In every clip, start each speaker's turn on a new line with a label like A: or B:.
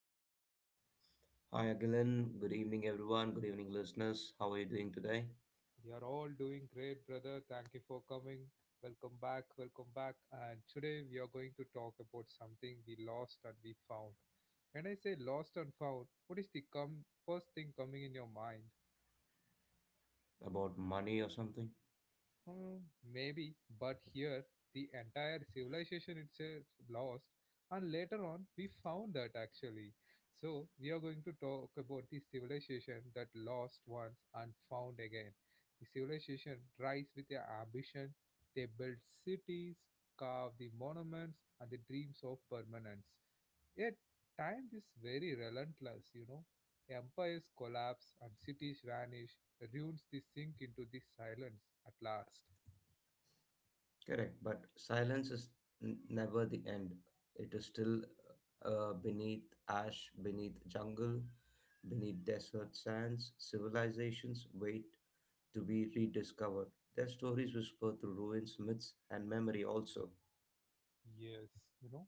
A: brother.
B: Hi Agilan, good evening everyone, good evening listeners. How are you doing today?
A: You are all doing great brother. Thank you for coming. Welcome back. And today we are going to talk about something we lost and we found. When I say lost and found, what is the first thing coming in your mind?
B: About money or something?
A: Hmm, maybe, but here the entire civilization itself lost, and later on we found that actually. So, we are going to talk about the civilization that lost once and found again. The civilization rise with their ambition, they build cities, carve the monuments, and the dreams of permanence. Yet, time is very relentless, you know. Empires collapse and cities vanish, ruins they sink into the silence at last.
B: Correct, but silence is never the end. It is still beneath ash, beneath jungle, beneath desert sands. Civilizations wait to be rediscovered. Their stories whisper through ruins, myths, and memory also.
A: Yes, you know,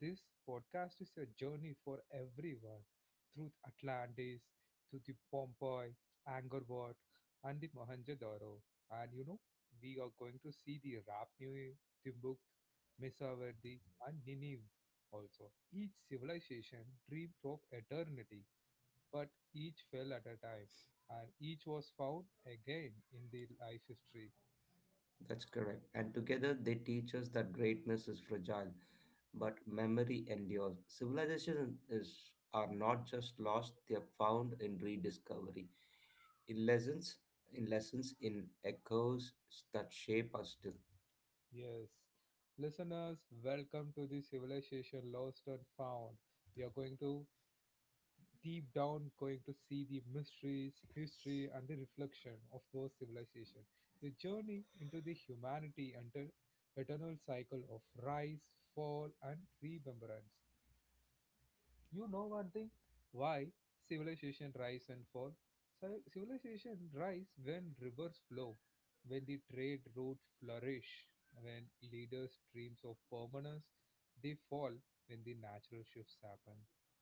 A: this podcast is a journey for everyone through Atlantis, to the Pompeii, Angkor Wat, and the Mohenjo-daro. And you know, we are going to see the Rap Nui, Timbuktu, mesa and Nineveh also. Each civilization dreamed of eternity, but each fell at a time, and each was found again in the life history.
B: That's correct. And together they teach us that greatness is fragile, but memory endures. Civilizations is, are not just lost; they are found in rediscovery, in lessons, in echoes that shape us still.
A: Yes. Listeners, welcome to the Civilization Lost and Found. We are going to deep down going to see the mysteries, history and the reflection of those civilizations. The journey into the humanity and the eternal cycle of rise, fall and remembrance. You know one thing? Why civilization rise and fall? Civilization rise when rivers flow, when the trade route flourish, when leaders dreams of permanence, they fall when the natural shifts happen,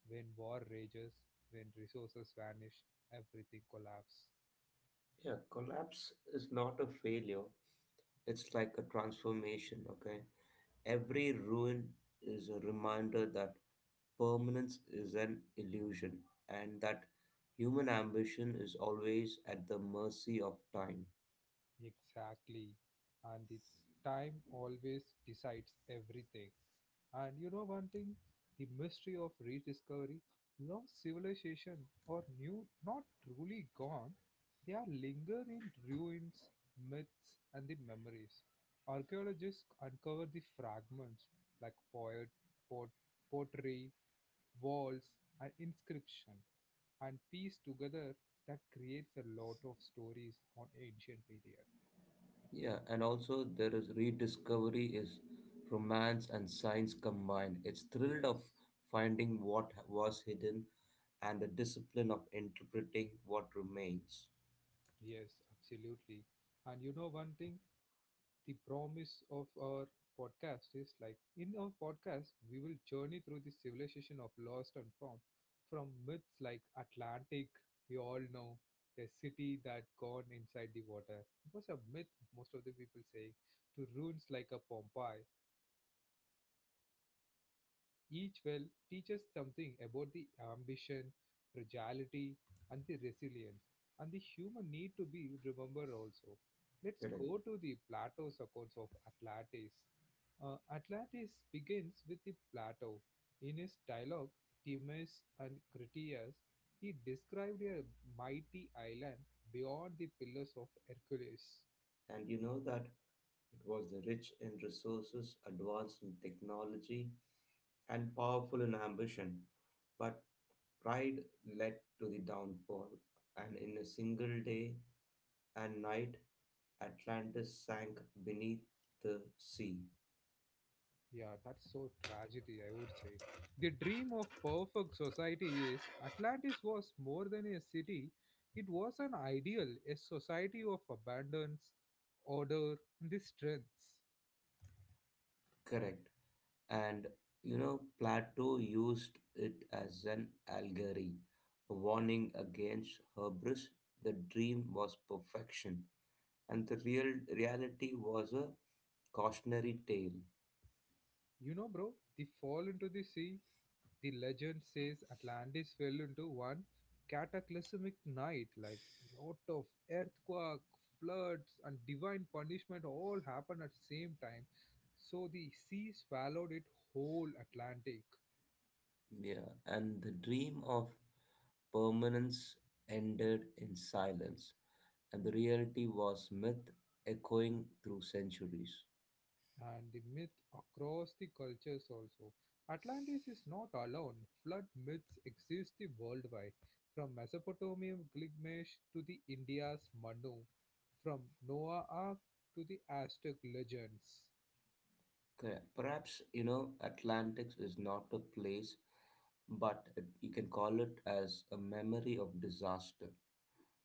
A: when war rages, when resources vanish, everything collapse.
B: Yeah, collapse is not a failure. It's like a transformation. Okay, every ruin is a reminder that permanence is an illusion, and that human ambition is always at the mercy of time.
A: Exactly. And the time always decides everything. And you know one thing? The mystery of rediscovery, lost civilization, or new, not truly gone, they are linger in ruins, myths, and the memories. Archaeologists uncover the fragments like pot, pottery, walls, and inscription, and piece together that creates a lot of stories on ancient period.
B: Yeah, and also there is rediscovery is romance and science combined. It's thrilled of
A: Yes,
B: finding what was hidden and the discipline of interpreting what remains.
A: yes, absolutely. And you know one thing? The promise of our podcast is like in our podcast we will journey through the civilization of lost and found from myths like atlantic, we all know the city that gone inside the water. It was a myth, most of the people say, to ruins like a pompeii. Each well teaches something about the ambition, fragility, and the resilience, and the human need to be remembered also. Let's
B: Correct.
A: go to the Plato's accounts of Atlantis. Atlantis begins with the Plato. In his dialogue, Timaeus and Critias, he described a mighty island beyond the Pillars of Hercules.
B: And you know that it was the rich in resources, advanced in technology, and powerful in ambition. But pride led to the downfall, and in a single day and night Atlantis sank beneath the sea.
A: Yeah, that's so tragedy, I would say. The dream of perfect society is Atlantis was more than a city, it was an ideal, a society of abundance, order, and the strengths.
B: Correct. And you know, Plato used it as an allegory, a warning against hubris. The dream was perfection, and the real reality was a cautionary tale.
A: You know, bro, the fall into the sea. The legend says Atlantis fell into one cataclysmic night, like lot of earthquake, floods, and divine punishment all happened at the same time. So the sea swallowed it whole Atlantic,
B: Yeah, and the dream of permanence ended in silence, and the reality was myth echoing through centuries.
A: and the myth across the cultures also. Atlantis is not alone. Flood myths exist worldwide, from Mesopotamia Gilgamesh to the India's Manu, from Noah Ark to the Aztec legends.
B: Correct. Perhaps, you know, Atlantis is not a place, but you can call it as a memory of disaster,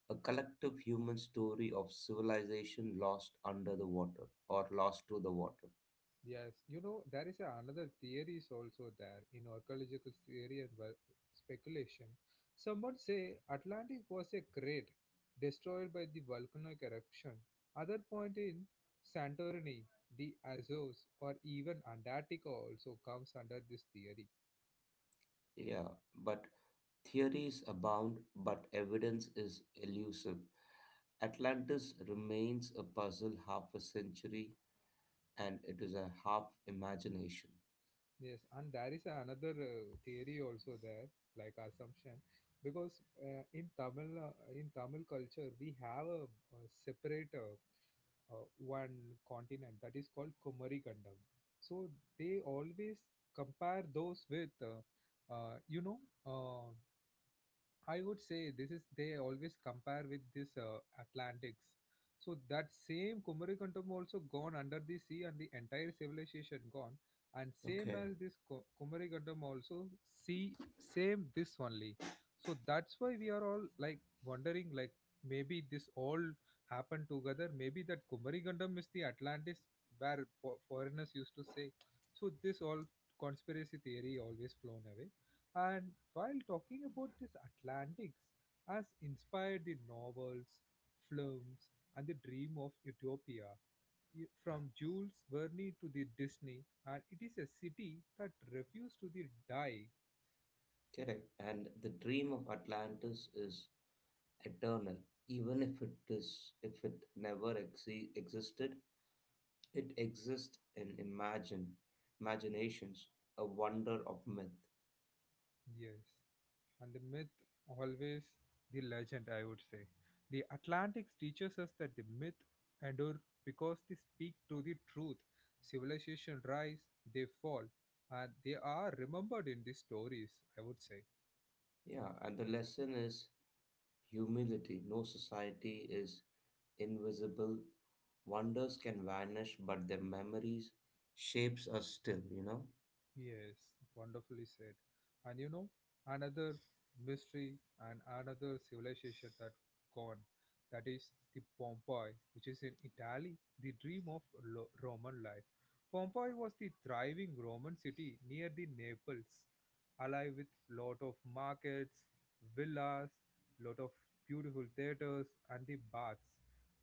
B: a collective human story of civilization lost under the water or lost to the water.
A: Yes, you know, another theory is also there in archaeological theory and well, speculation. Someone say Atlantic was a crater destroyed by the volcanic eruption. Other point in Santorini, the Azores, or even Antarctica also comes under this theory.
B: Yeah, but theories abound, but evidence is elusive. Atlantis remains a puzzle half a century, and it is a half imagination.
A: Yes, and there is another theory also there, like assumption, because in Tamil in Tamil culture we have a separate one continent that is called Kumari Kandam. So they always compare those with, you know, uh, I would say this is they always compare with this Atlantics. So that same Kumarikantam also gone under the sea and the entire civilization gone, and same
B: Okay,
A: as this Kumarikantam also see same this only. So that's why we are all like wondering like maybe this all happened together. Maybe that Kumarikantam is the Atlantis where foreigners used to say. So this all conspiracy theory always flown away and while talking about this, Atlantics has inspired the novels, films, and the dream of Utopia, from Jules Verne to the Disney, and it is a city that refused to the die.
B: correct. And the dream of Atlantis is eternal, even if it never existed. It exists in imaginations, a wonder of myth.
A: Yes, and the myth always the legend, I would say. The Atlantics teaches us that the myth endure because they speak to the truth. Civilization rise, they fall, and they are remembered in these stories, I would say.
B: Yeah, and the lesson is humility. No society is invisible. Wonders can vanish, but their memories shapes us still. You know,
A: Yes, wonderfully said. And you know, another mystery and another civilization that gone, that is the Pompeii, which is in Italy, the dream of Roman life. Pompeii was the thriving Roman city near the Naples, alive with lot of markets, villas, lot of beautiful theaters and the baths.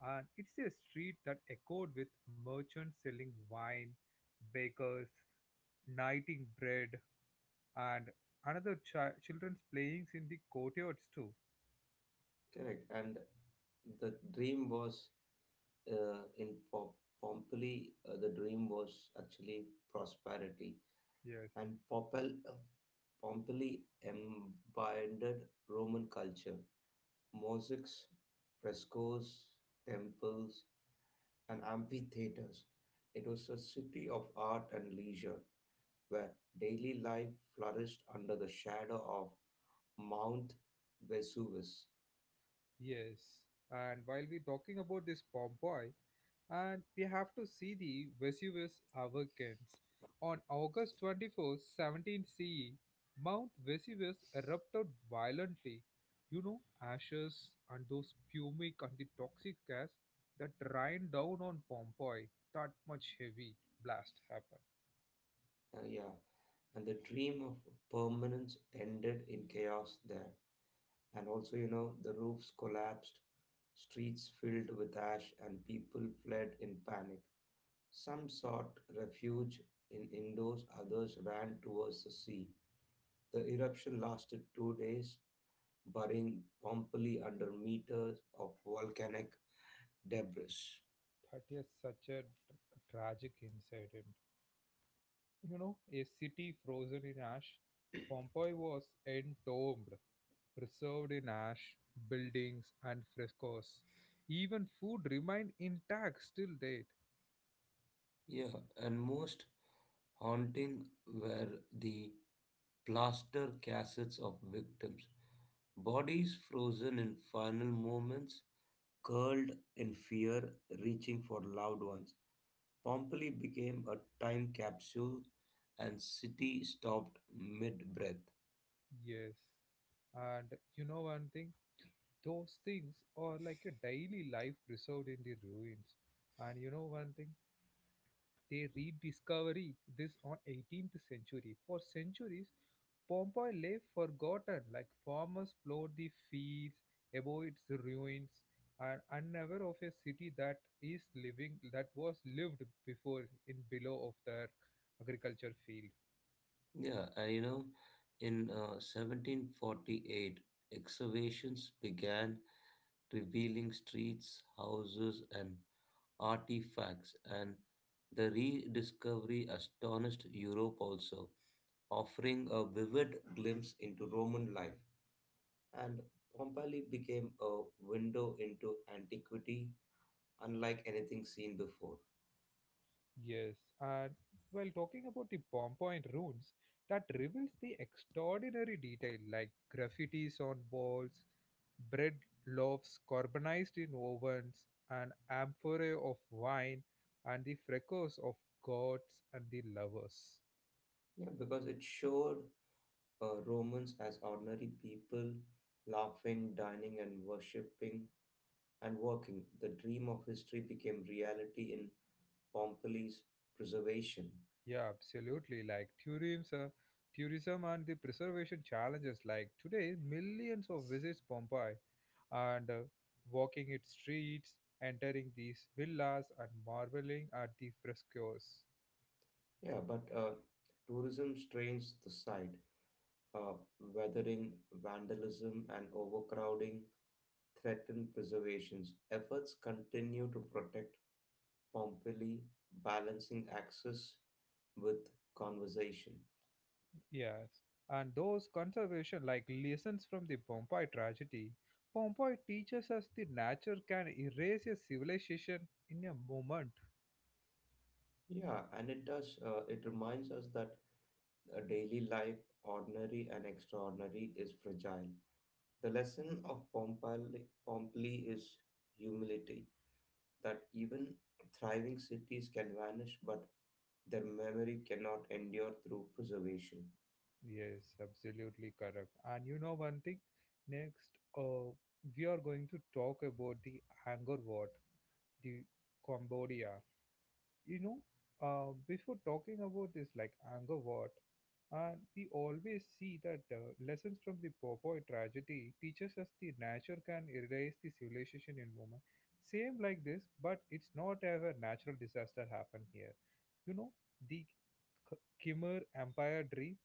A: And it's a street that echoed with merchants selling wine, bakers knighting bread, and another children's playings in the courtyards too.
B: correct. And the dream was in Pompeii. The dream was actually prosperity
A: Yes.
B: and Pompeii embodied Roman culture. Mosaics, frescoes, temples, and amphitheaters. It was a city of art and leisure where daily life flourished under the shadow of Mount Vesuvius.
A: Yes, and while we're talking about this Pompeii, and we have to see the Vesuvius Avulcans. On August 20 17 CE, Mount Vesuvius erupted violently. You know, ashes and those pumic and the toxic gas that rained down on Pompeii. That much heavy blast happened.
B: Uh, yeah, and the dream of permanence ended in chaos there. And also, you know, the roofs collapsed, streets filled with ash, and people fled in panic. Some sought refuge in indoors, others ran towards the sea. The eruption lasted 2 days, burying Pompeii under meters of volcanic debris.
A: That is such a tragic incident. You know, a city frozen in ash. Pompeii was entombed, preserved in ash, buildings and frescoes. Even food remained intact still date.
B: Yeah, and most haunting were the plaster casts of victims, bodies frozen in final moments, curled in fear, reaching for loved ones. Pompeii became a time capsule, and city stopped mid-breath.
A: Yes. And you know one thing? Those things are like a daily life preserved in the ruins. And you know one thing? They rediscovery this on 18th century. For centuries, Pompeii lay forgotten, like farmers plowed the fields, above its ruins, and unaware of a city that is living that was lived before in below of their agriculture field.
B: Yeah, and you know, in 1748, excavations began revealing streets, houses, and artifacts, and the rediscovery astonished Europe also, offering a vivid glimpse into Roman life. And Pompeii became a window into antiquity unlike anything seen before.
A: Yes, and while talking about the Pompeii ruins, that reveals the extraordinary detail like graffitis on walls, bread loaves carbonized in ovens, an amphorae of wine, and the fracas of gods and the lovers.
B: Yeah, because it showed Romans as ordinary people laughing, dining, and worshipping and working. The dream of history became reality in Pompeii's preservation.
A: Yeah, absolutely. Like tourism, tourism and the preservation challenges. Like today, millions of visits Pompeii, and walking its streets, entering these villas, and marveling at the frescoes.
B: Yeah, but Tourism strains the site uh, weathering, vandalism, and overcrowding threaten preservation's efforts continue to protect Pompeii, balancing access with conversation.
A: Yes, and those conservation like lessons from the Pompeii tragedy. Pompeii teaches us the nature can erase a civilization in a moment.
B: Yeah, and it does, it reminds us that a daily life, ordinary and extraordinary, is fragile. The lesson of Pompeii is humility, that even thriving cities can vanish, but their memory cannot endure through preservation.
A: Yes, absolutely correct. And you know one thing, next, uh, we are going to talk about the Angkor Wat, the Cambodia. You know, before talking about this, like anger, what? And we always see that lessons from the Popoy tragedy teaches us the nature can erase the civilization in moment. Same like this, but it's not ever natural disaster happen here. You know, the Khmer Empire dream.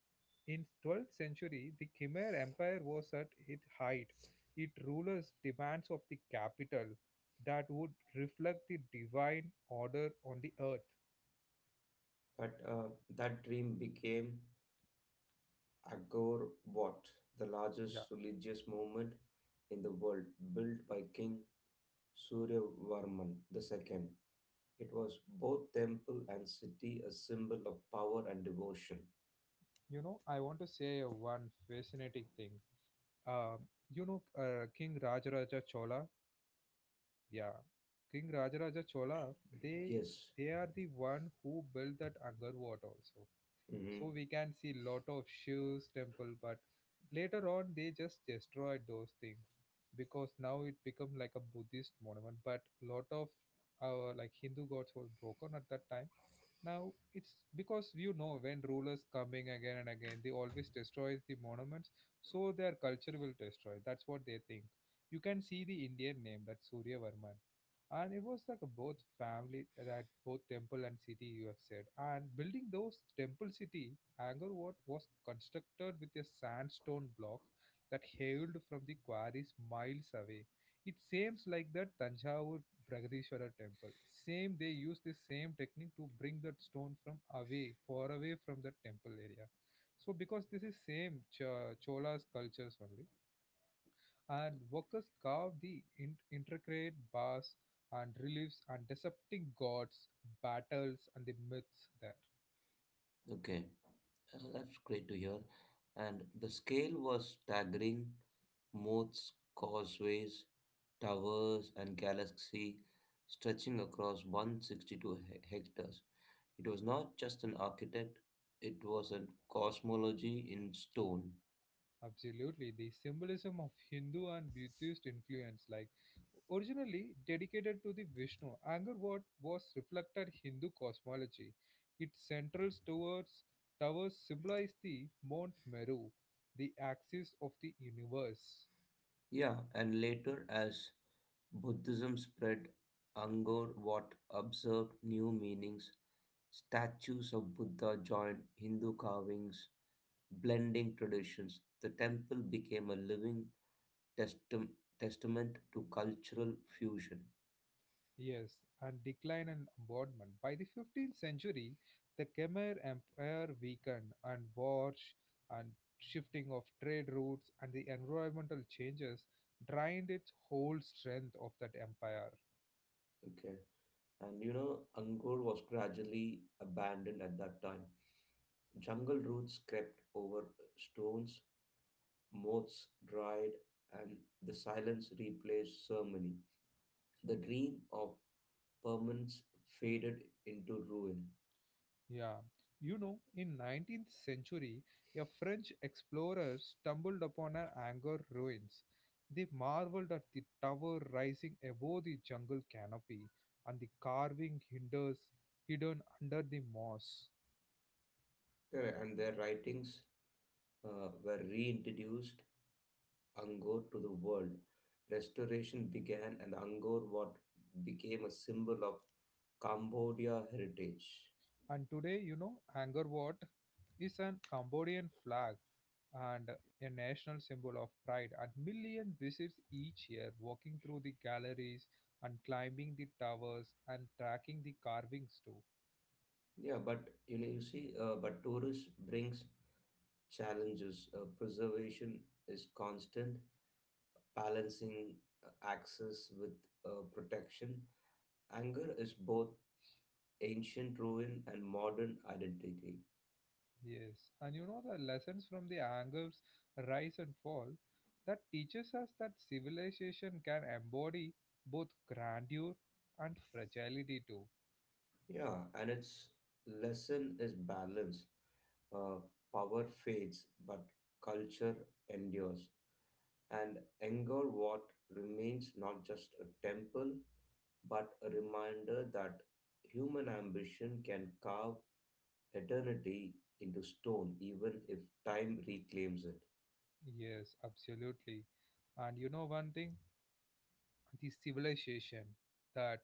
A: In 12th century, the Khmer Empire was at its height. It rulers demands of the capital that would reflect the divine order on the earth.
B: But that dream became Angkor Wat, the
A: Yeah.
B: largest religious movement in the world, built by King Suryavarman II. It was both temple and city, a symbol of power and devotion.
A: You know, I want to say one fascinating thing. Um, you know, King Rajaraja Chola. Yeah, King Rajaraja Chola. They
B: Yes.
A: they are the one who built that Angkor Wat also, so
B: Mhm.
A: we can see lot of Shiv's temple, but later on they just destroyed those things because now it become like a Buddhist monument. But lot of our like Hindu gods were broken at that time. Now it's because you know when rulers coming again and again, they always destroy the monuments, so their culture will destroy. That's what they think. You can see the Indian name that Surya Varman and it was like a both family that both temple and city you have said and building those temple city, angkor Wat was constructed with a sandstone block that hailed from the quarries miles away. It seems like the tanjavur Bragadishwara temple, same they use the same technique to bring that stone from away far away from the temple area, so because this is same chola's cultures only. And workers carved the intricate bars and reliefs and dissecting gods, battles, and the myths there.
B: Okay. That's great to hear. And the scale was staggering. Moats, causeways, towers, and galaxy stretching across 162 hectares. It was not just an architect, it was a cosmology in stone.
A: Absolutely, the symbolism of Hindu and Buddhist influence, like originally dedicated to the Vishnu, anger what was reflected Hindu cosmology. Its central towers symbolize the Mount Meru, the axis of the universe.
B: Yeah, and later, as Buddhism spread, Angkor Wat observed new meanings. Statues of Buddha joined Hindu carvings blending traditions, the temple became a living testam- testament to cultural fusion.
A: Yes, and decline and bombardment. By the 15th century, the Khmer Empire weakened, and wars and shifting of trade routes and the environmental changes drained its whole strength of that empire.
B: Okay. And you know, Angkor was gradually abandoned at that time. Jungle roots crept over stones, moths dried, and the silence replaced ceremony. The dream of permanence faded into ruin.
A: Yeah. You know, in 19th century, a French explorer stumbled upon an Angkor ruins. They marveled at the tower rising above the jungle canopy and the carving hinders hidden under the moss.
B: Correct. And their writings were reintroduced Angkor to the world. Restoration began, and Angkor Wat became a symbol of Cambodia heritage.
A: And today, you know, Angkor Wat is an Cambodian flag and a national symbol of pride, and millions visit each year, walking through the galleries and climbing the towers and tracking the carvings too.
B: Yeah, but you know, you see, but tourism brings challenges. Preservation is constant, balancing access with protection. Anger is both ancient ruin and modern identity.
A: Yes, and you know the lessons from the Angkor's rise and fall that teaches us that civilization can embody both grandeur and fragility too.
B: Yeah, and its lesson is balance. Uh, power fades, but culture endures. And Angkor Wat remains not just a temple, but a reminder that human ambition can carve eternity into stone, even if time reclaims it.
A: Yes, absolutely. And you know one thing? The civilization that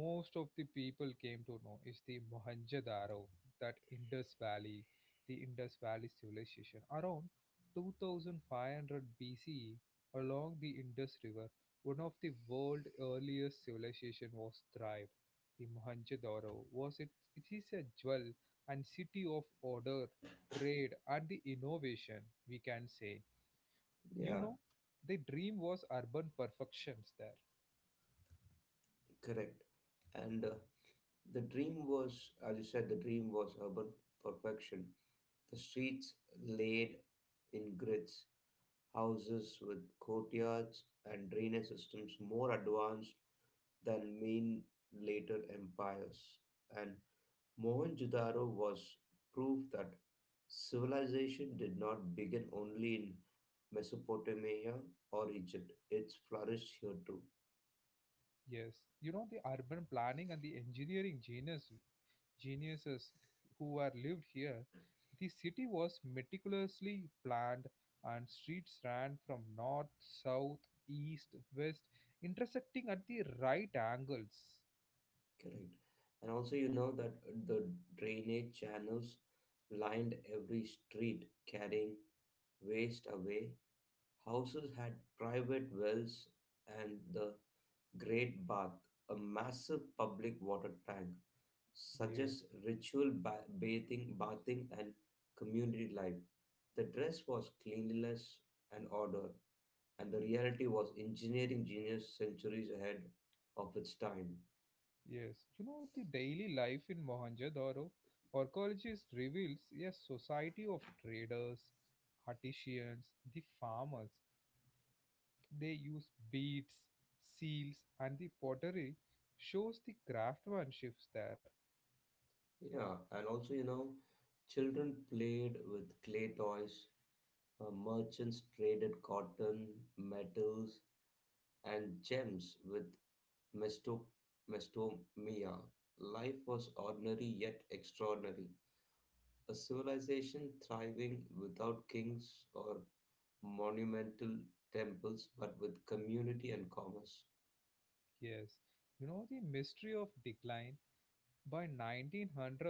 A: most of the people came to know is the Mohenjo-daro, that Indus Valley, the Indus Valley civilization. Around 2500 BCE, along the Indus River, one of the world's earliest civilization was thrived. The Mohenjo-daro was it, It is a jewel and city of order, trade, and the innovation, we can say. You
B: Yeah,
A: know, the dream was urban perfections there.
B: correct. And the dream was, as you said, the dream was urban perfection. The streets laid in grids, houses with courtyards and drainage systems more advanced than main later empires. And Mohenjo-daro was proof that civilization did not begin only in Mesopotamia or Egypt. It flourished here too.
A: Yes, you know the urban planning and the engineering geniuses who are lived here. The city was meticulously planned, and streets ran from north, south, east, west, intersecting at the right angles.
B: Correct. And also, you know that the drainage channels lined every street, carrying waste away. Houses had private wells, and the Great Bath, a massive public water tank,
A: Yes,
B: suggests ritual bathing and community life. The dress was cleanliness and order, and the reality was engineering genius centuries ahead of its time.
A: yes. You know the daily life in Mohenjo-daro. Archaeologist reveals a society of traders, artisans, the farmers. They use beads, seals, and the pottery shows the craftsmanship there.
B: Yeah, and also, you know, children played with clay toys, merchants traded cotton, metals, and gems with Mesto- Mestomia, life was ordinary yet extraordinary. A civilization thriving without kings or monumental temples, but with community and commerce.
A: Yes, you know the mystery of decline. By 1900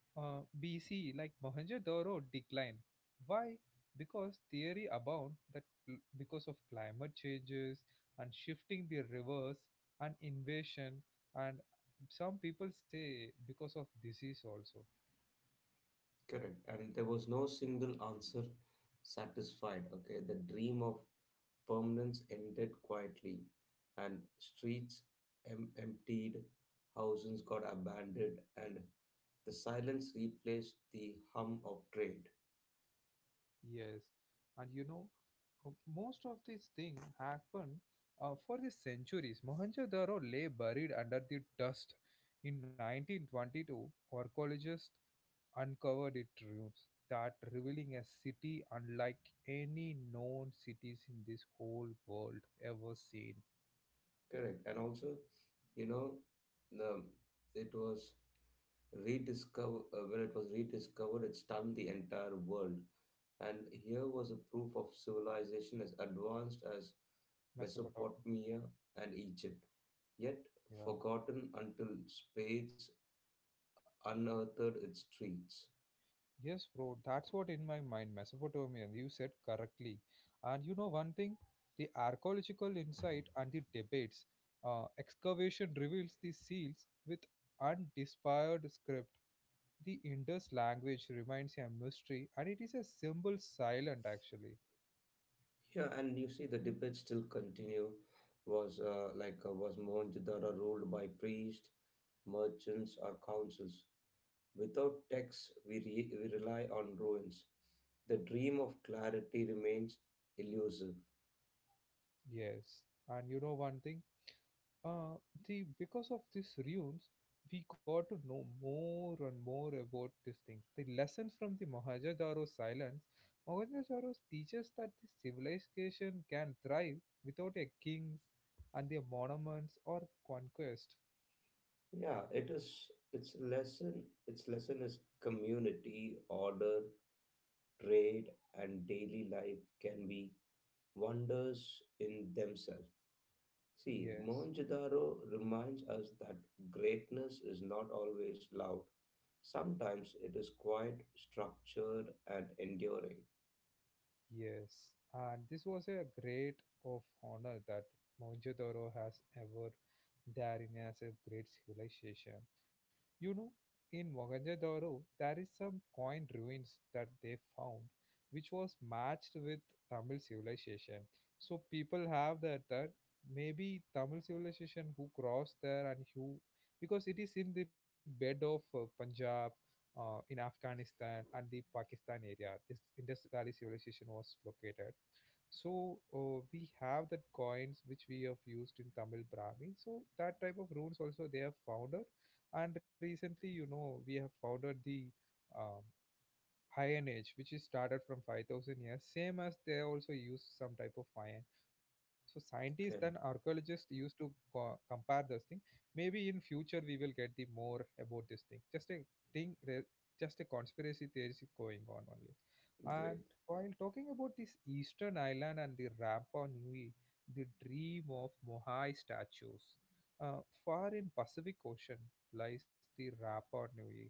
A: BC, like Mohenjo-daro declined. Why? Because theory abound that because of climate changes and shifting the rivers and invasion and some people say because of disease also.
B: Correct. And there was no single answer satisfied. Okay, the dream of permanence ended quietly, and streets emptied, houses got abandoned, and the silence replaced the hum of trade.
A: Yes, and you know, uh, most of these things happen, for the centuries. Mohenjo-daro lay buried under the dust. In 1922, archaeologists uncovered its ruins, that revealing a city unlike any known cities in this whole world ever seen.
B: Correct. And also, you know, the, it was rediscovered, when it was rediscovered, it stunned the entire world. And here was a proof of civilization as advanced as
A: Mesopotamia.
B: Mesopotamia and Egypt, yet
A: Yeah.
B: forgotten until spades unearthed its streets.
A: Yes, bro, that's what in my mind, Mesopotamian. You said correctly. And you know one thing? The archaeological insight and the debates. Excavation reveals the seals with undespired script. The Indus language remains a mystery and it is a symbol silent actually.
B: Yeah, and you see the debate still continue. Was Mohenjo-daro ruled by priests, merchants, or councils? Without texts, we rely on ruins. The dream of clarity remains elusive.
A: Yes. And you know one thing? Uh, the because of these ruins, we got to know more and more about these things. The lessons from the Mohenjo-daro silence, Mohenjo-daro teaches that the civilization can thrive without a kings and their monuments or conquest.
B: Yeah, it is. Its lesson is community, order, trade, and daily life can be wonders in themselves. See,
A: Yes.
B: Mohenjo-daro reminds us that greatness is not always loud. Sometimes it is quite structured and enduring.
A: Yes, and this was a great of honor that Mohenjo-daro has ever there in as a great civilization. You know, in Mohenjo-daro, there is some coin ruins that they found, which was matched with Tamil civilization. So people have that maybe Tamil civilization who crossed there and who because it is in the bed of Punjab in Afghanistan and the Pakistan area. This Indus Valley civilization was located. So we have that coins which we have used in Tamil Brahmi. So that type of runes also they have founded, and recently you know we have founded the um, iron age which is started from 5,000 years same as they also use some type of iron, so scientists
B: Okay,
A: and archaeologists used to compare this thing. Maybe in future we will get the more about this thing, thing re- just a conspiracy theory is going on only.
B: great.
A: And while talking about this eastern island and the Rapa Nui, the dream of Mohai statues, uh, far in Pacific Ocean lies the Rapa Nui,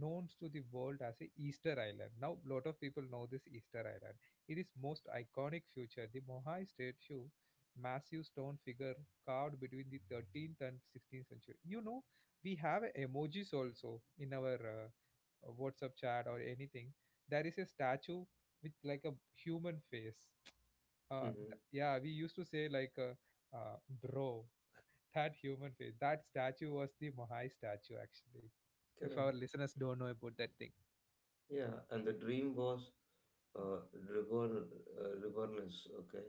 A: known to the world as a Easter Island. Now, a lot of people know this Easter Island. It is most iconic feature. The Moai statue, massive stone figure carved between the 13th and 16th century. You know, we have emojis also in our WhatsApp chat or anything. There is a statue with like a human face.
B: Mhm.
A: Yeah, we used to say like, uh, bro, that human face. That statue was the Mahai statue, actually. If our
B: Correct.
A: listeners don't know about that thing,
B: Yeah, and the dream was uh, reborn, rebornness, okay?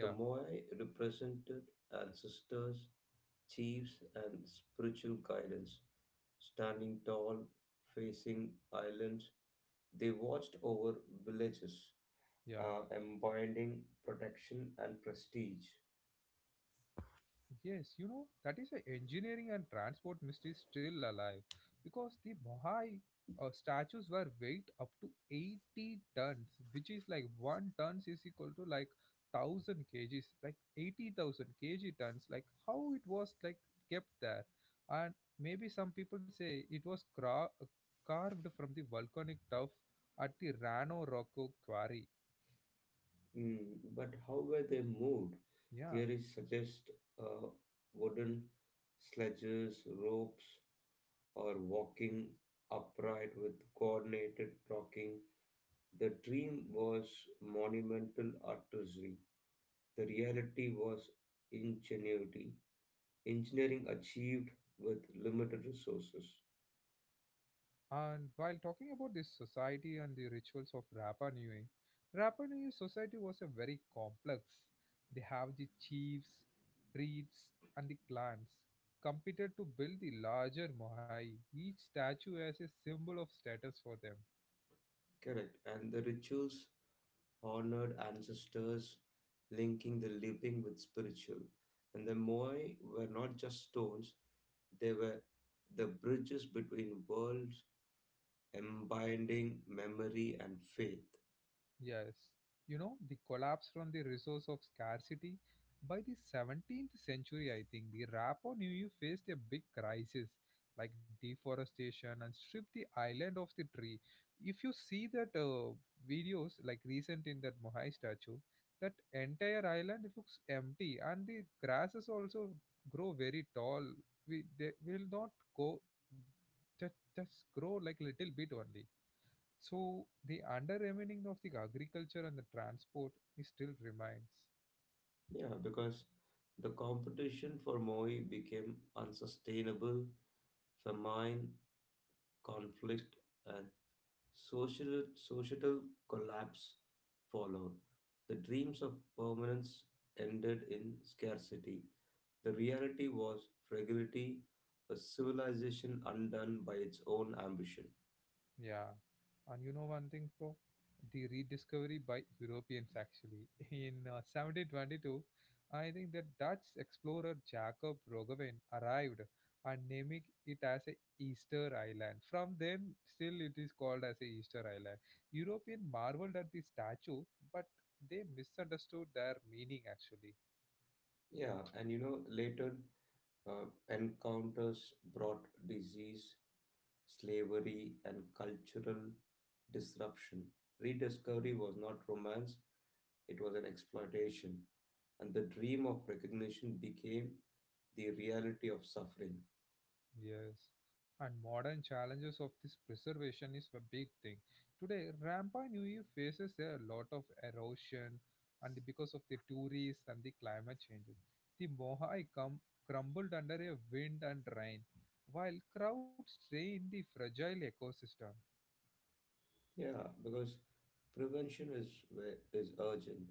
B: The Moai represented ancestors, chiefs, and spiritual guidance. Standing tall, facing islands, they watched over villages,
A: yeah.
B: embodying protection and prestige.
A: Yes, you know, that is why engineering and transport mystery is still alive because the Mohai statues were weighed up to 80 tons, which is like 1 tons is equal to like 1,000 kgs, like 80,000 kg tons, like how it was like kept there. And maybe some people say it was carved from the volcanic tuff at the Rano Rocco quarry.
B: Mm, but how were they moved?
A: Yeah.
B: Theories suggest uh, wooden sledges, ropes, or walking upright with coordinated talking. The dream was monumental artistry. The reality was ingenuity, engineering achieved with limited resources.
A: And while talking about the society and the rituals of Rapa Nui, Rapa Nui society was a very complex. They have the chiefs, priests, and the clans competed to build the larger Mohai. Each statue as a symbol of status for them.
B: Correct. And the rituals honored ancestors, linking the living with spiritual. And the Moai were not just stones, they were the bridges between worlds, embodying memory and faith.
A: Yes. You know, the collapse from the resource of scarcity. By the 17th century, I think, the Rapa Nui faced a big crisis like deforestation and stripped the island of the tree. If you see that videos like recent in that Mohai statue, that entire island looks empty and the grasses also grow very tall. We, they will not go, just grow like little bit only, so the undermining of the agriculture and the transport is still remains.
B: Yeah, because the competition for Moi became unsustainable, famine, conflict, and social, societal collapse followed. The dreams of permanence ended in scarcity. The reality was fragility, a civilization undone by its own ambition.
A: Yeah. And you know one thing, bro? The rediscovery by Europeans actually in 1722, I think the Dutch explorer Jacob Roggeveen arrived and named it as a Easter Island. From then, still it is called as a Easter Island. European marveled at the statue, but they misunderstood their meaning actually.
B: Yeah, and you know, later encounters brought disease, slavery, and cultural disruption. Rediscovery was not romance, it was an exploitation, and the dream of recognition became the reality of suffering.
A: Yes, and modern challenges of this preservation is a big thing. Today, Rampa Nui faces a lot of erosion and because of the tourists and the climate changes. The Mohai crumbled under a wind and rain, while crowds strain the fragile ecosystem.
B: Yeah, because prevention is is urgent.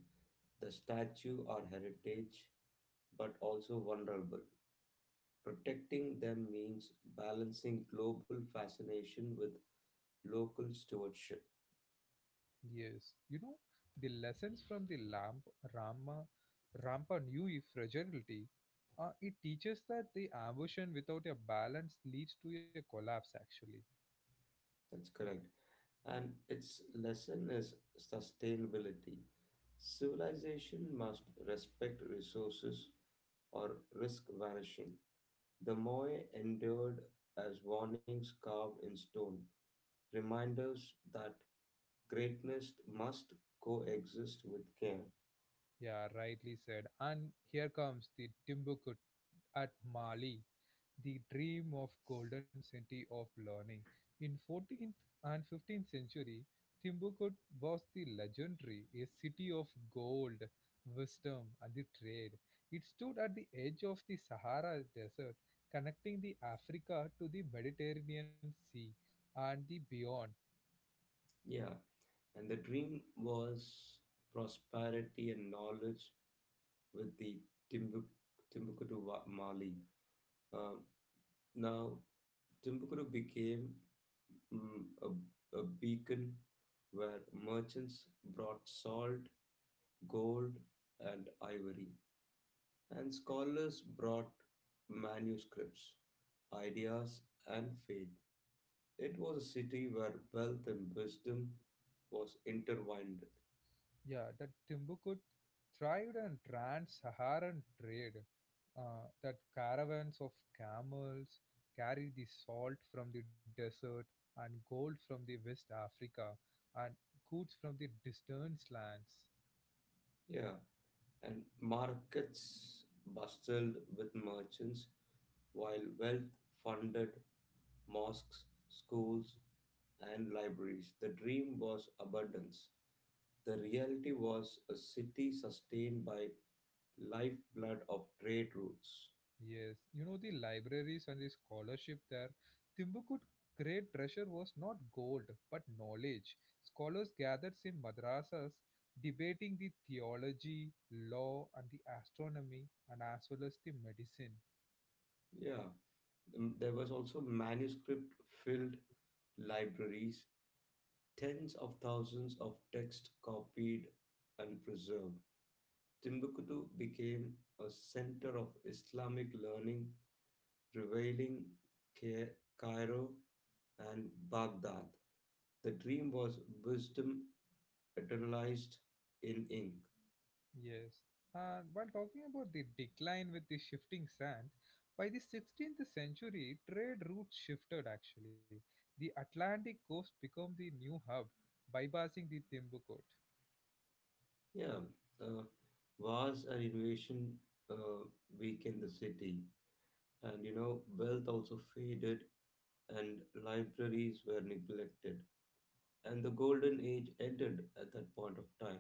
B: The statue are heritage, but also vulnerable. Protecting them means balancing global fascination with local stewardship.
A: Yes, you know, the lessons from the Rama, Rampa Nui fragility, it teaches that the ambition without a balance leads to a collapse actually.
B: That's correct. And its lesson is sustainability. Civilization must respect resources or risk vanishing. The Moai endured as warnings carved in stone, reminders that greatness must coexist with care.
A: Yeah, rightly said. And here comes the Timbuktu at Mali, the dream of golden city of learning. In 14th and 15th century, Timbuktu was the legendary, a city of gold, wisdom, and the trade. It stood at the edge of the Sahara Desert, connecting the Africa to the Mediterranean Sea and the beyond.
B: Yeah, and the dream was prosperity and knowledge with the Timbuk- Timbuktu Mali. Um, now, Timbuktu became mm, a, a beacon where merchants brought salt, gold, and ivory, and scholars brought manuscripts, ideas, and faith. It was a city where wealth and wisdom was intertwined.
A: Yeah, that Timbuktu thrived on trans-Saharan trade. That caravans of camels carried the salt from the desert and gold from the West Africa and goods from the distant lands.
B: Yeah, and markets bustled with merchants while wealth funded mosques, schools, and libraries. The dream was abundance. The reality was a city sustained by lifeblood of trade routes.
A: Yes, you know the libraries and the scholarship there. Timbuktu's great treasure was not gold but knowledge. Scholars gathered in madrasas debating the theology, law, and the astronomy, and as well as the medicine.
B: Yeah, mm, there was also manuscript-filled libraries, tens of thousands of texts copied and preserved. Timbuktu became a center of Islamic learning revealing Ca- Cairo and Baghdad. The dream was wisdom eternalized in ink.
A: Yes. And while talking about the decline with the shifting sands, by the 16th century, trade routes shifted actually. The Atlantic coast became the new hub, bypassing the Timbuktu.
B: Yeah, uh, wars and invasion uh, weakened the city, and you know, wealth also faded, and libraries were neglected. And the golden age ended at that point of time,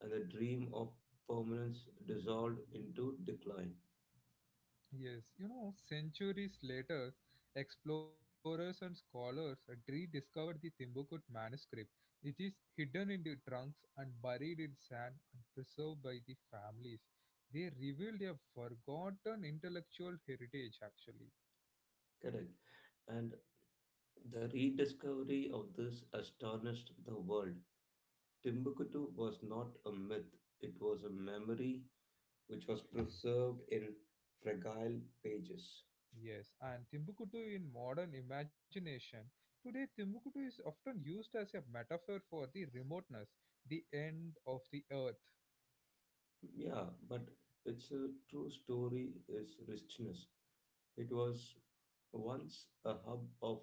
B: and the dream of permanence dissolved into decline.
A: Yes, you know, centuries later, explorers and scholars rediscovered the Timbuktu manuscript. It is hidden in the trunks and buried in sand and preserved by the families. They revealed a forgotten intellectual heritage, actually.
B: Correct. And the rediscovery of this astonished the world. Timbuktu was not a myth, it was a memory which was preserved in fragile pages.
A: Yes, and Timbuktu in modern imagination. Today, Timbuktu is often used as a metaphor for the remoteness, the end of the earth.
B: Yeah, but its a true story is richness. It was once a hub of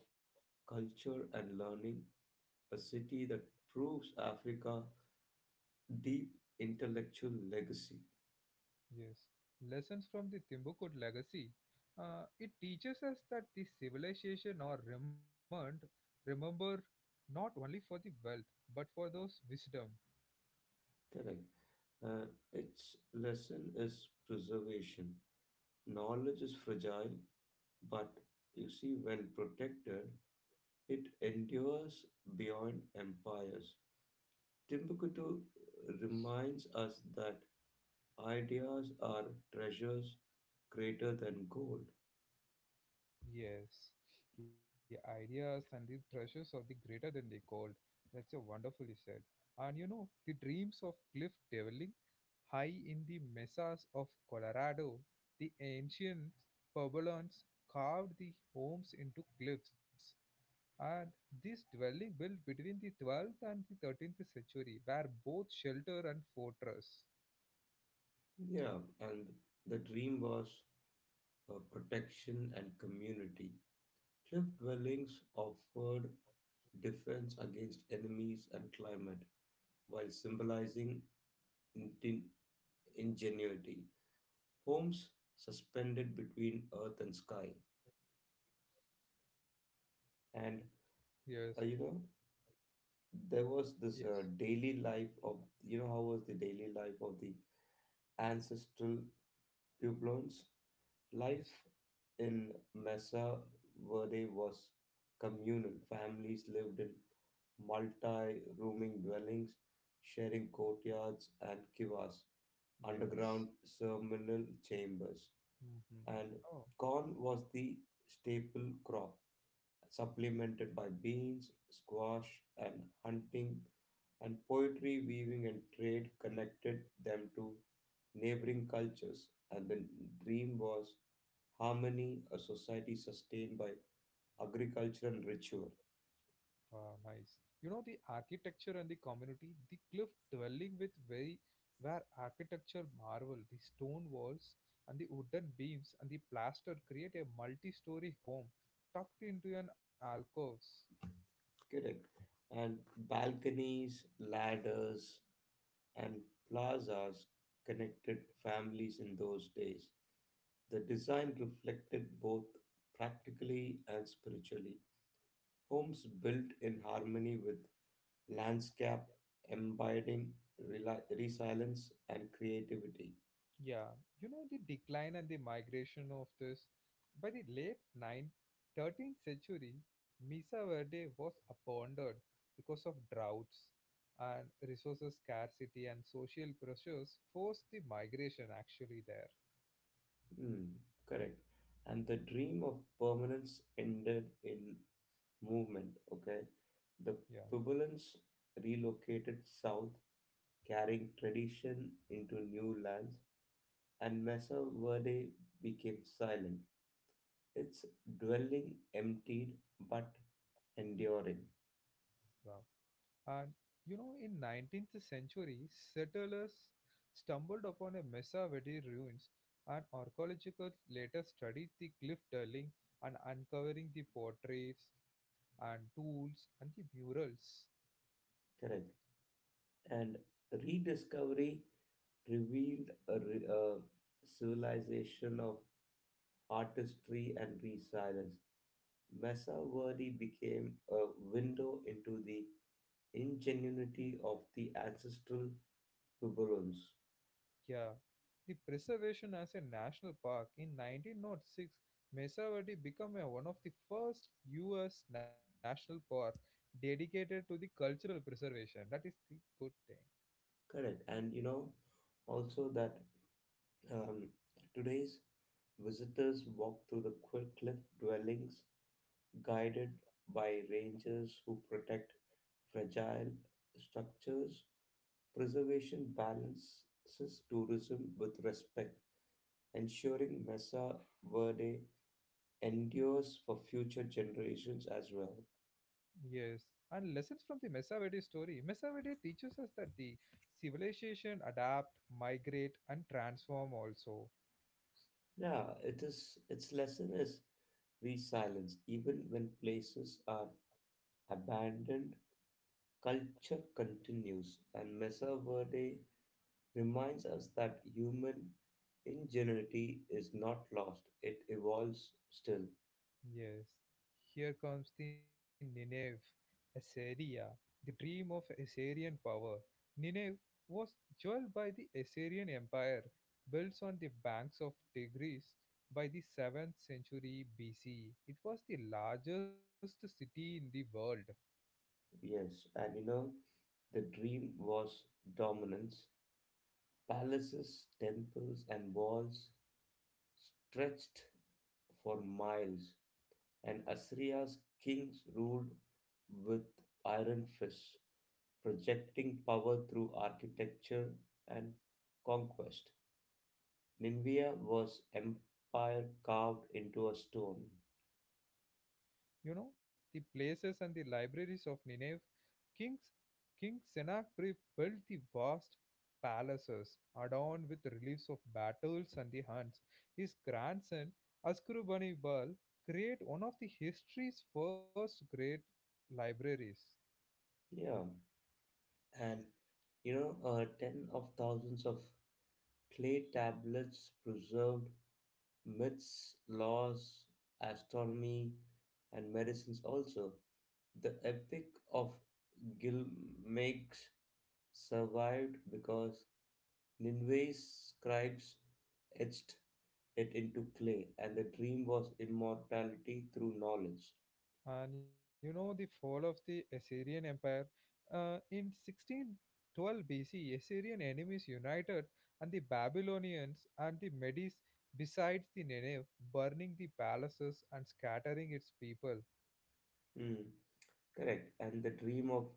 B: culture and learning, a city that proves Africa deep intellectual legacy.
A: Yes, lessons from the Timbuktu legacy. It teaches us that the civilization are remember not only for the wealth but for those wisdom.
B: Correct. Uh, its lesson is preservation. Knowledge is fragile, but you see, when protected, it endures beyond empires. Timbuktu reminds us that ideas are treasures greater than gold.
A: Yes, the ideas and the treasures of the greater than the gold. That's a wonderfully said. And you know the dreams of cliff dwelling high in the mesas of Colorado, the ancient Puebloans carved the homes into cliffs, and this dwelling built between the 12th and the 13th century were both shelter and fortress.
B: Yeah, and the dream was protection and community. Cliff dwellings offered defense against enemies and climate while symbolizing inten- ingenuity. Homes suspended between earth and sky and
A: Yes,
B: uh, you know there was
A: yes,
B: this daily life of how was the daily life of the ancestral pueblons life
A: yes,
B: in Mesa Verde was communal families lived in multi-rooming dwellings sharing courtyards and kivas
A: yes.
B: underground ceremonial chambers,
A: Hmm.
B: and
A: Oh,
B: corn was the staple crop supplemented by beans, squash, and hunting, and poetry, weaving, and trade connected them to neighboring cultures. And the dream was harmony, a society sustained by agriculture and ritual.
A: wow, nice. You know the architecture and the community, the cliff dwelling with very where architecture marvel, the stone walls and the wooden beams and the plaster create a multi-story home tucked into an alcoves.
B: Correct. And balconies, ladders, and plazas connected families in those days. The design reflected both practically and spiritually. Homes built in harmony with landscape, embodying resilience and creativity.
A: Yeah, you know the decline and the migration of this. By the late 9th, 13th century, Mesa Verde was abandoned because of droughts and resources scarcity and social pressures forced the migration actually there.
B: Hmm, correct. And the dream of permanence ended in movement. Okay, the
A: Yeah,
B: Pubilans relocated south, carrying tradition into new lands, and Mesa Verde became silent. Its dwelling emptied but enduring.
A: yeah. And you know, in 19th century, settlers stumbled upon a Mesa Verde ruins, and archaeologists later studied the cliff dwelling and uncovering the portraits and tools and the murals.
B: Correct. And rediscovery revealed a civilization of artistry and resilience. Mesa Verde became a window into the ingenuity of the ancestral Puebloans.
A: Yeah, the preservation as a national park in 1906, Mesa Verde became one of the first U.S. national park dedicated to the cultural preservation. That is the good thing.
B: Correct, and you know also that um, today's visitors walk through the cliff dwellings guided by rangers who protect fragile structures. Preservation balances tourism with respect, ensuring Mesa Verde endures for future generations as well.
A: Yes, and lessons from the Mesaverde story. Mesaverde teaches us that the civilization adapt, migrate, and transform also.
B: Yeah, it is its lesson is resilience. Even when places are abandoned, culture continues, and Mesa Verde reminds us that human ingenuity is not lost; it evolves still.
A: Yes, here comes the Nineveh, Assyria, the dream of Assyrian power. Nineveh was jeweled by the Assyrian Empire, built on the banks of Tigris by the 7th century BC. It was the largest city in the world.
B: Yes, and you know, the dream was dominance. Palaces, temples, and walls stretched for miles, and Assyria's kings ruled with iron fists, projecting power through architecture and conquest. Nineveh was empire carved into a stone.
A: You know, the places and the libraries of Nineveh, kings King Sennacherib built the vast palaces adorned with reliefs of battles and the hunts. His grandson Assurbanipal created one of the history's first great libraries.
B: Yeah, and ten of thousands of clay tablets preserved myths, laws, astronomy, and medicines also. The Epic of Gilgamesh survived because Nineveh's scribes etched it into clay, and the dream was immortality through knowledge.
A: And you know the fall of the Assyrian Empire, in 1612 BC, Assyrian enemies united and the Babylonians and the Medes besieged the Nineveh, burning the palaces and scattering its people.
B: Hmm. Correct. And the dream of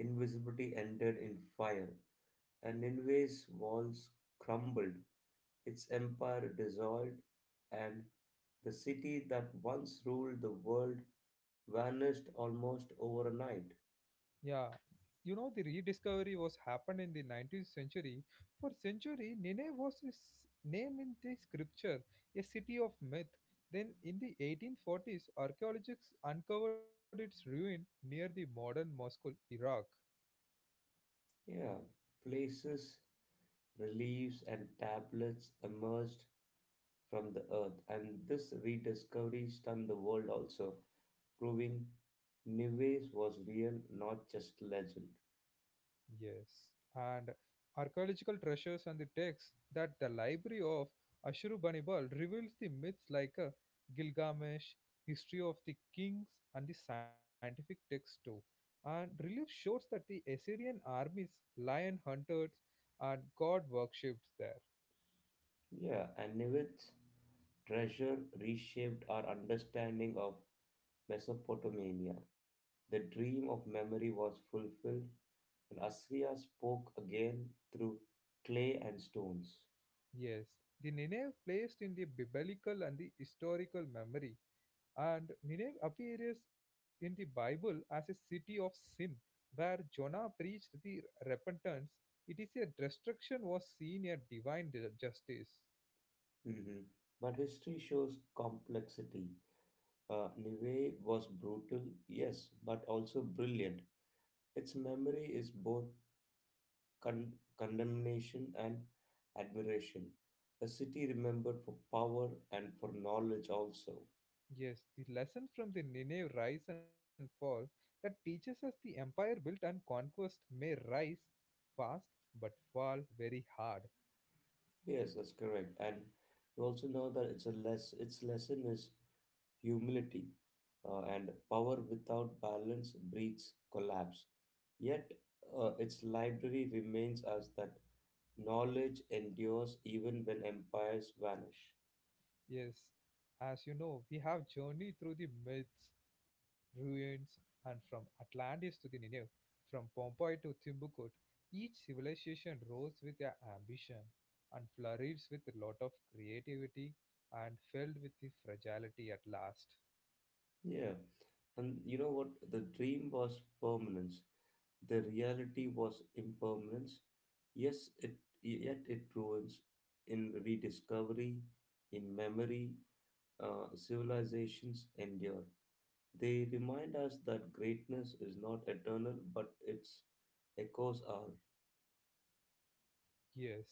B: invisibility ended in fire, and Nineveh's walls crumbled. Its empire dissolved, and the city that once ruled the world vanished almost overnight.
A: Yeah, you know the rediscovery was happened in the 19th century. For century, Nineveh was his name in the scripture, a city of myth. Then, in the 1840s, archaeologists uncovered its ruin near the modern Mosul, Iraq.
B: Yeah, places, reliefs, and tablets emerged from the earth, and this rediscovery stunned the world also, proving Nives was real, not just legend.
A: Yes, and archaeological treasures and the texts that the library of Ashurbanipal reveals the myths like a Gilgamesh, history of the kings, and the scientific texts too. And relief shows that the Assyrian armies, lion hunters, and god worshipped there.
B: Yeah, and Nimitz treasure reshaped our understanding of Mesopotamia. The dream of memory was fulfilled, and Assyria spoke again through clay and stones.
A: Yes, the Nineveh placed in the biblical and the historical memory. And Nineveh appears in the Bible as a city of sin, where Jonah preached the repentance. It is a destruction was seen a divine justice.
B: Mhm. But history shows complexity. Nivea was brutal, yes, but also brilliant. Its memory is both condemnation and admiration. A city remembered for power and for knowledge also.
A: Yes, the lesson from the Nineveh rise and fall that teaches us the empire built and conquest may rise fast but fall very hard.
B: Yes, that's correct. And you also know that it's a less its lesson is humility, and power without balance breeds collapse. Yet its library remains as that knowledge endures even when empires vanish.
A: Yes, as you know, we have journeyed through the myths, ruins, and from Atlantis to the Nineveh, from Pompeii to Timbuktu. Each civilization rose with an ambition and flourished with a lot of creativity and failed with the fragility at last.
B: Yeah, and you know what? The dream was permanence. The reality was impermanence. Yes, it yet it ruins in rediscovery, in memory. Civilizations endure. They remind us that greatness is not eternal, but its echoes are.
A: Yes,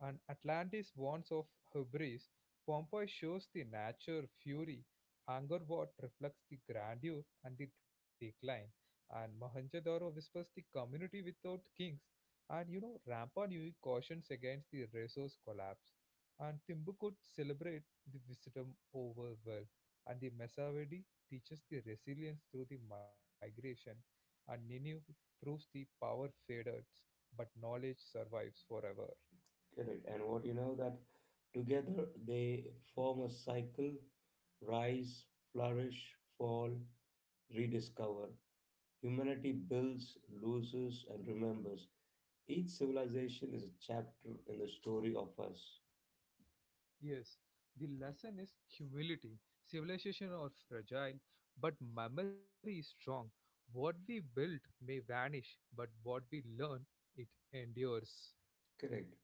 A: and Atlantis warns of hubris. Pompeii shows the nature fury. Angkor Wat reflects the grandeur and the decline. And Mohenjo-daro whispers the community without kings. And you know, Rampa Nui cautions against the resource collapse. And Timbuktu celebrates the wisdom over wealth. And the Mesawedi teaches the resilience through the migration. And Nineveh proves the power fades but knowledge survives forever.
B: Correct. And what you know that together they form a cycle: rise, flourish, fall, rediscover. Humanity builds, loses, and remembers. Each civilization is a chapter in the story of us.
A: Yes, the lesson is humility. Civilization are fragile, but memory is strong. What we build may vanish, but what we learn, it endures.
B: Correct.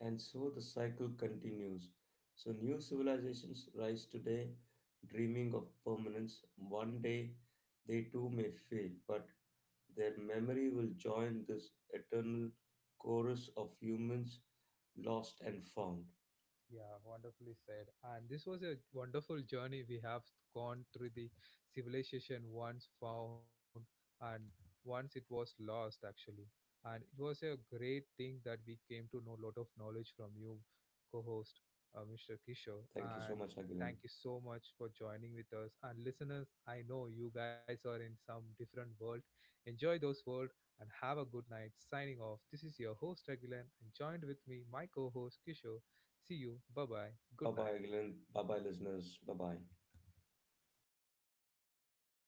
B: And so the cycle continues. So new civilizations rise today, dreaming of permanence. One day they too may fail, but their memory will join this eternal chorus of humans lost and found.
A: Yeah, wonderfully said. And this was a wonderful journey we have gone through the civilization once found and once it was lost actually. And it was a great thing that we came to know a lot of knowledge from you, co-host Mr. Kishore.
B: Thank you so
A: And
B: much, Agilan.
A: thank you so much for joining with us. And listeners, I know you guys are in some different world. Enjoy those world and have a good night. Signing off. This is your host Agilan and joined with me my co-host Kishore. See you. Bye bye.
B: Bye
A: Good night.
B: bye, Agilan. Bye bye, listeners. Bye bye.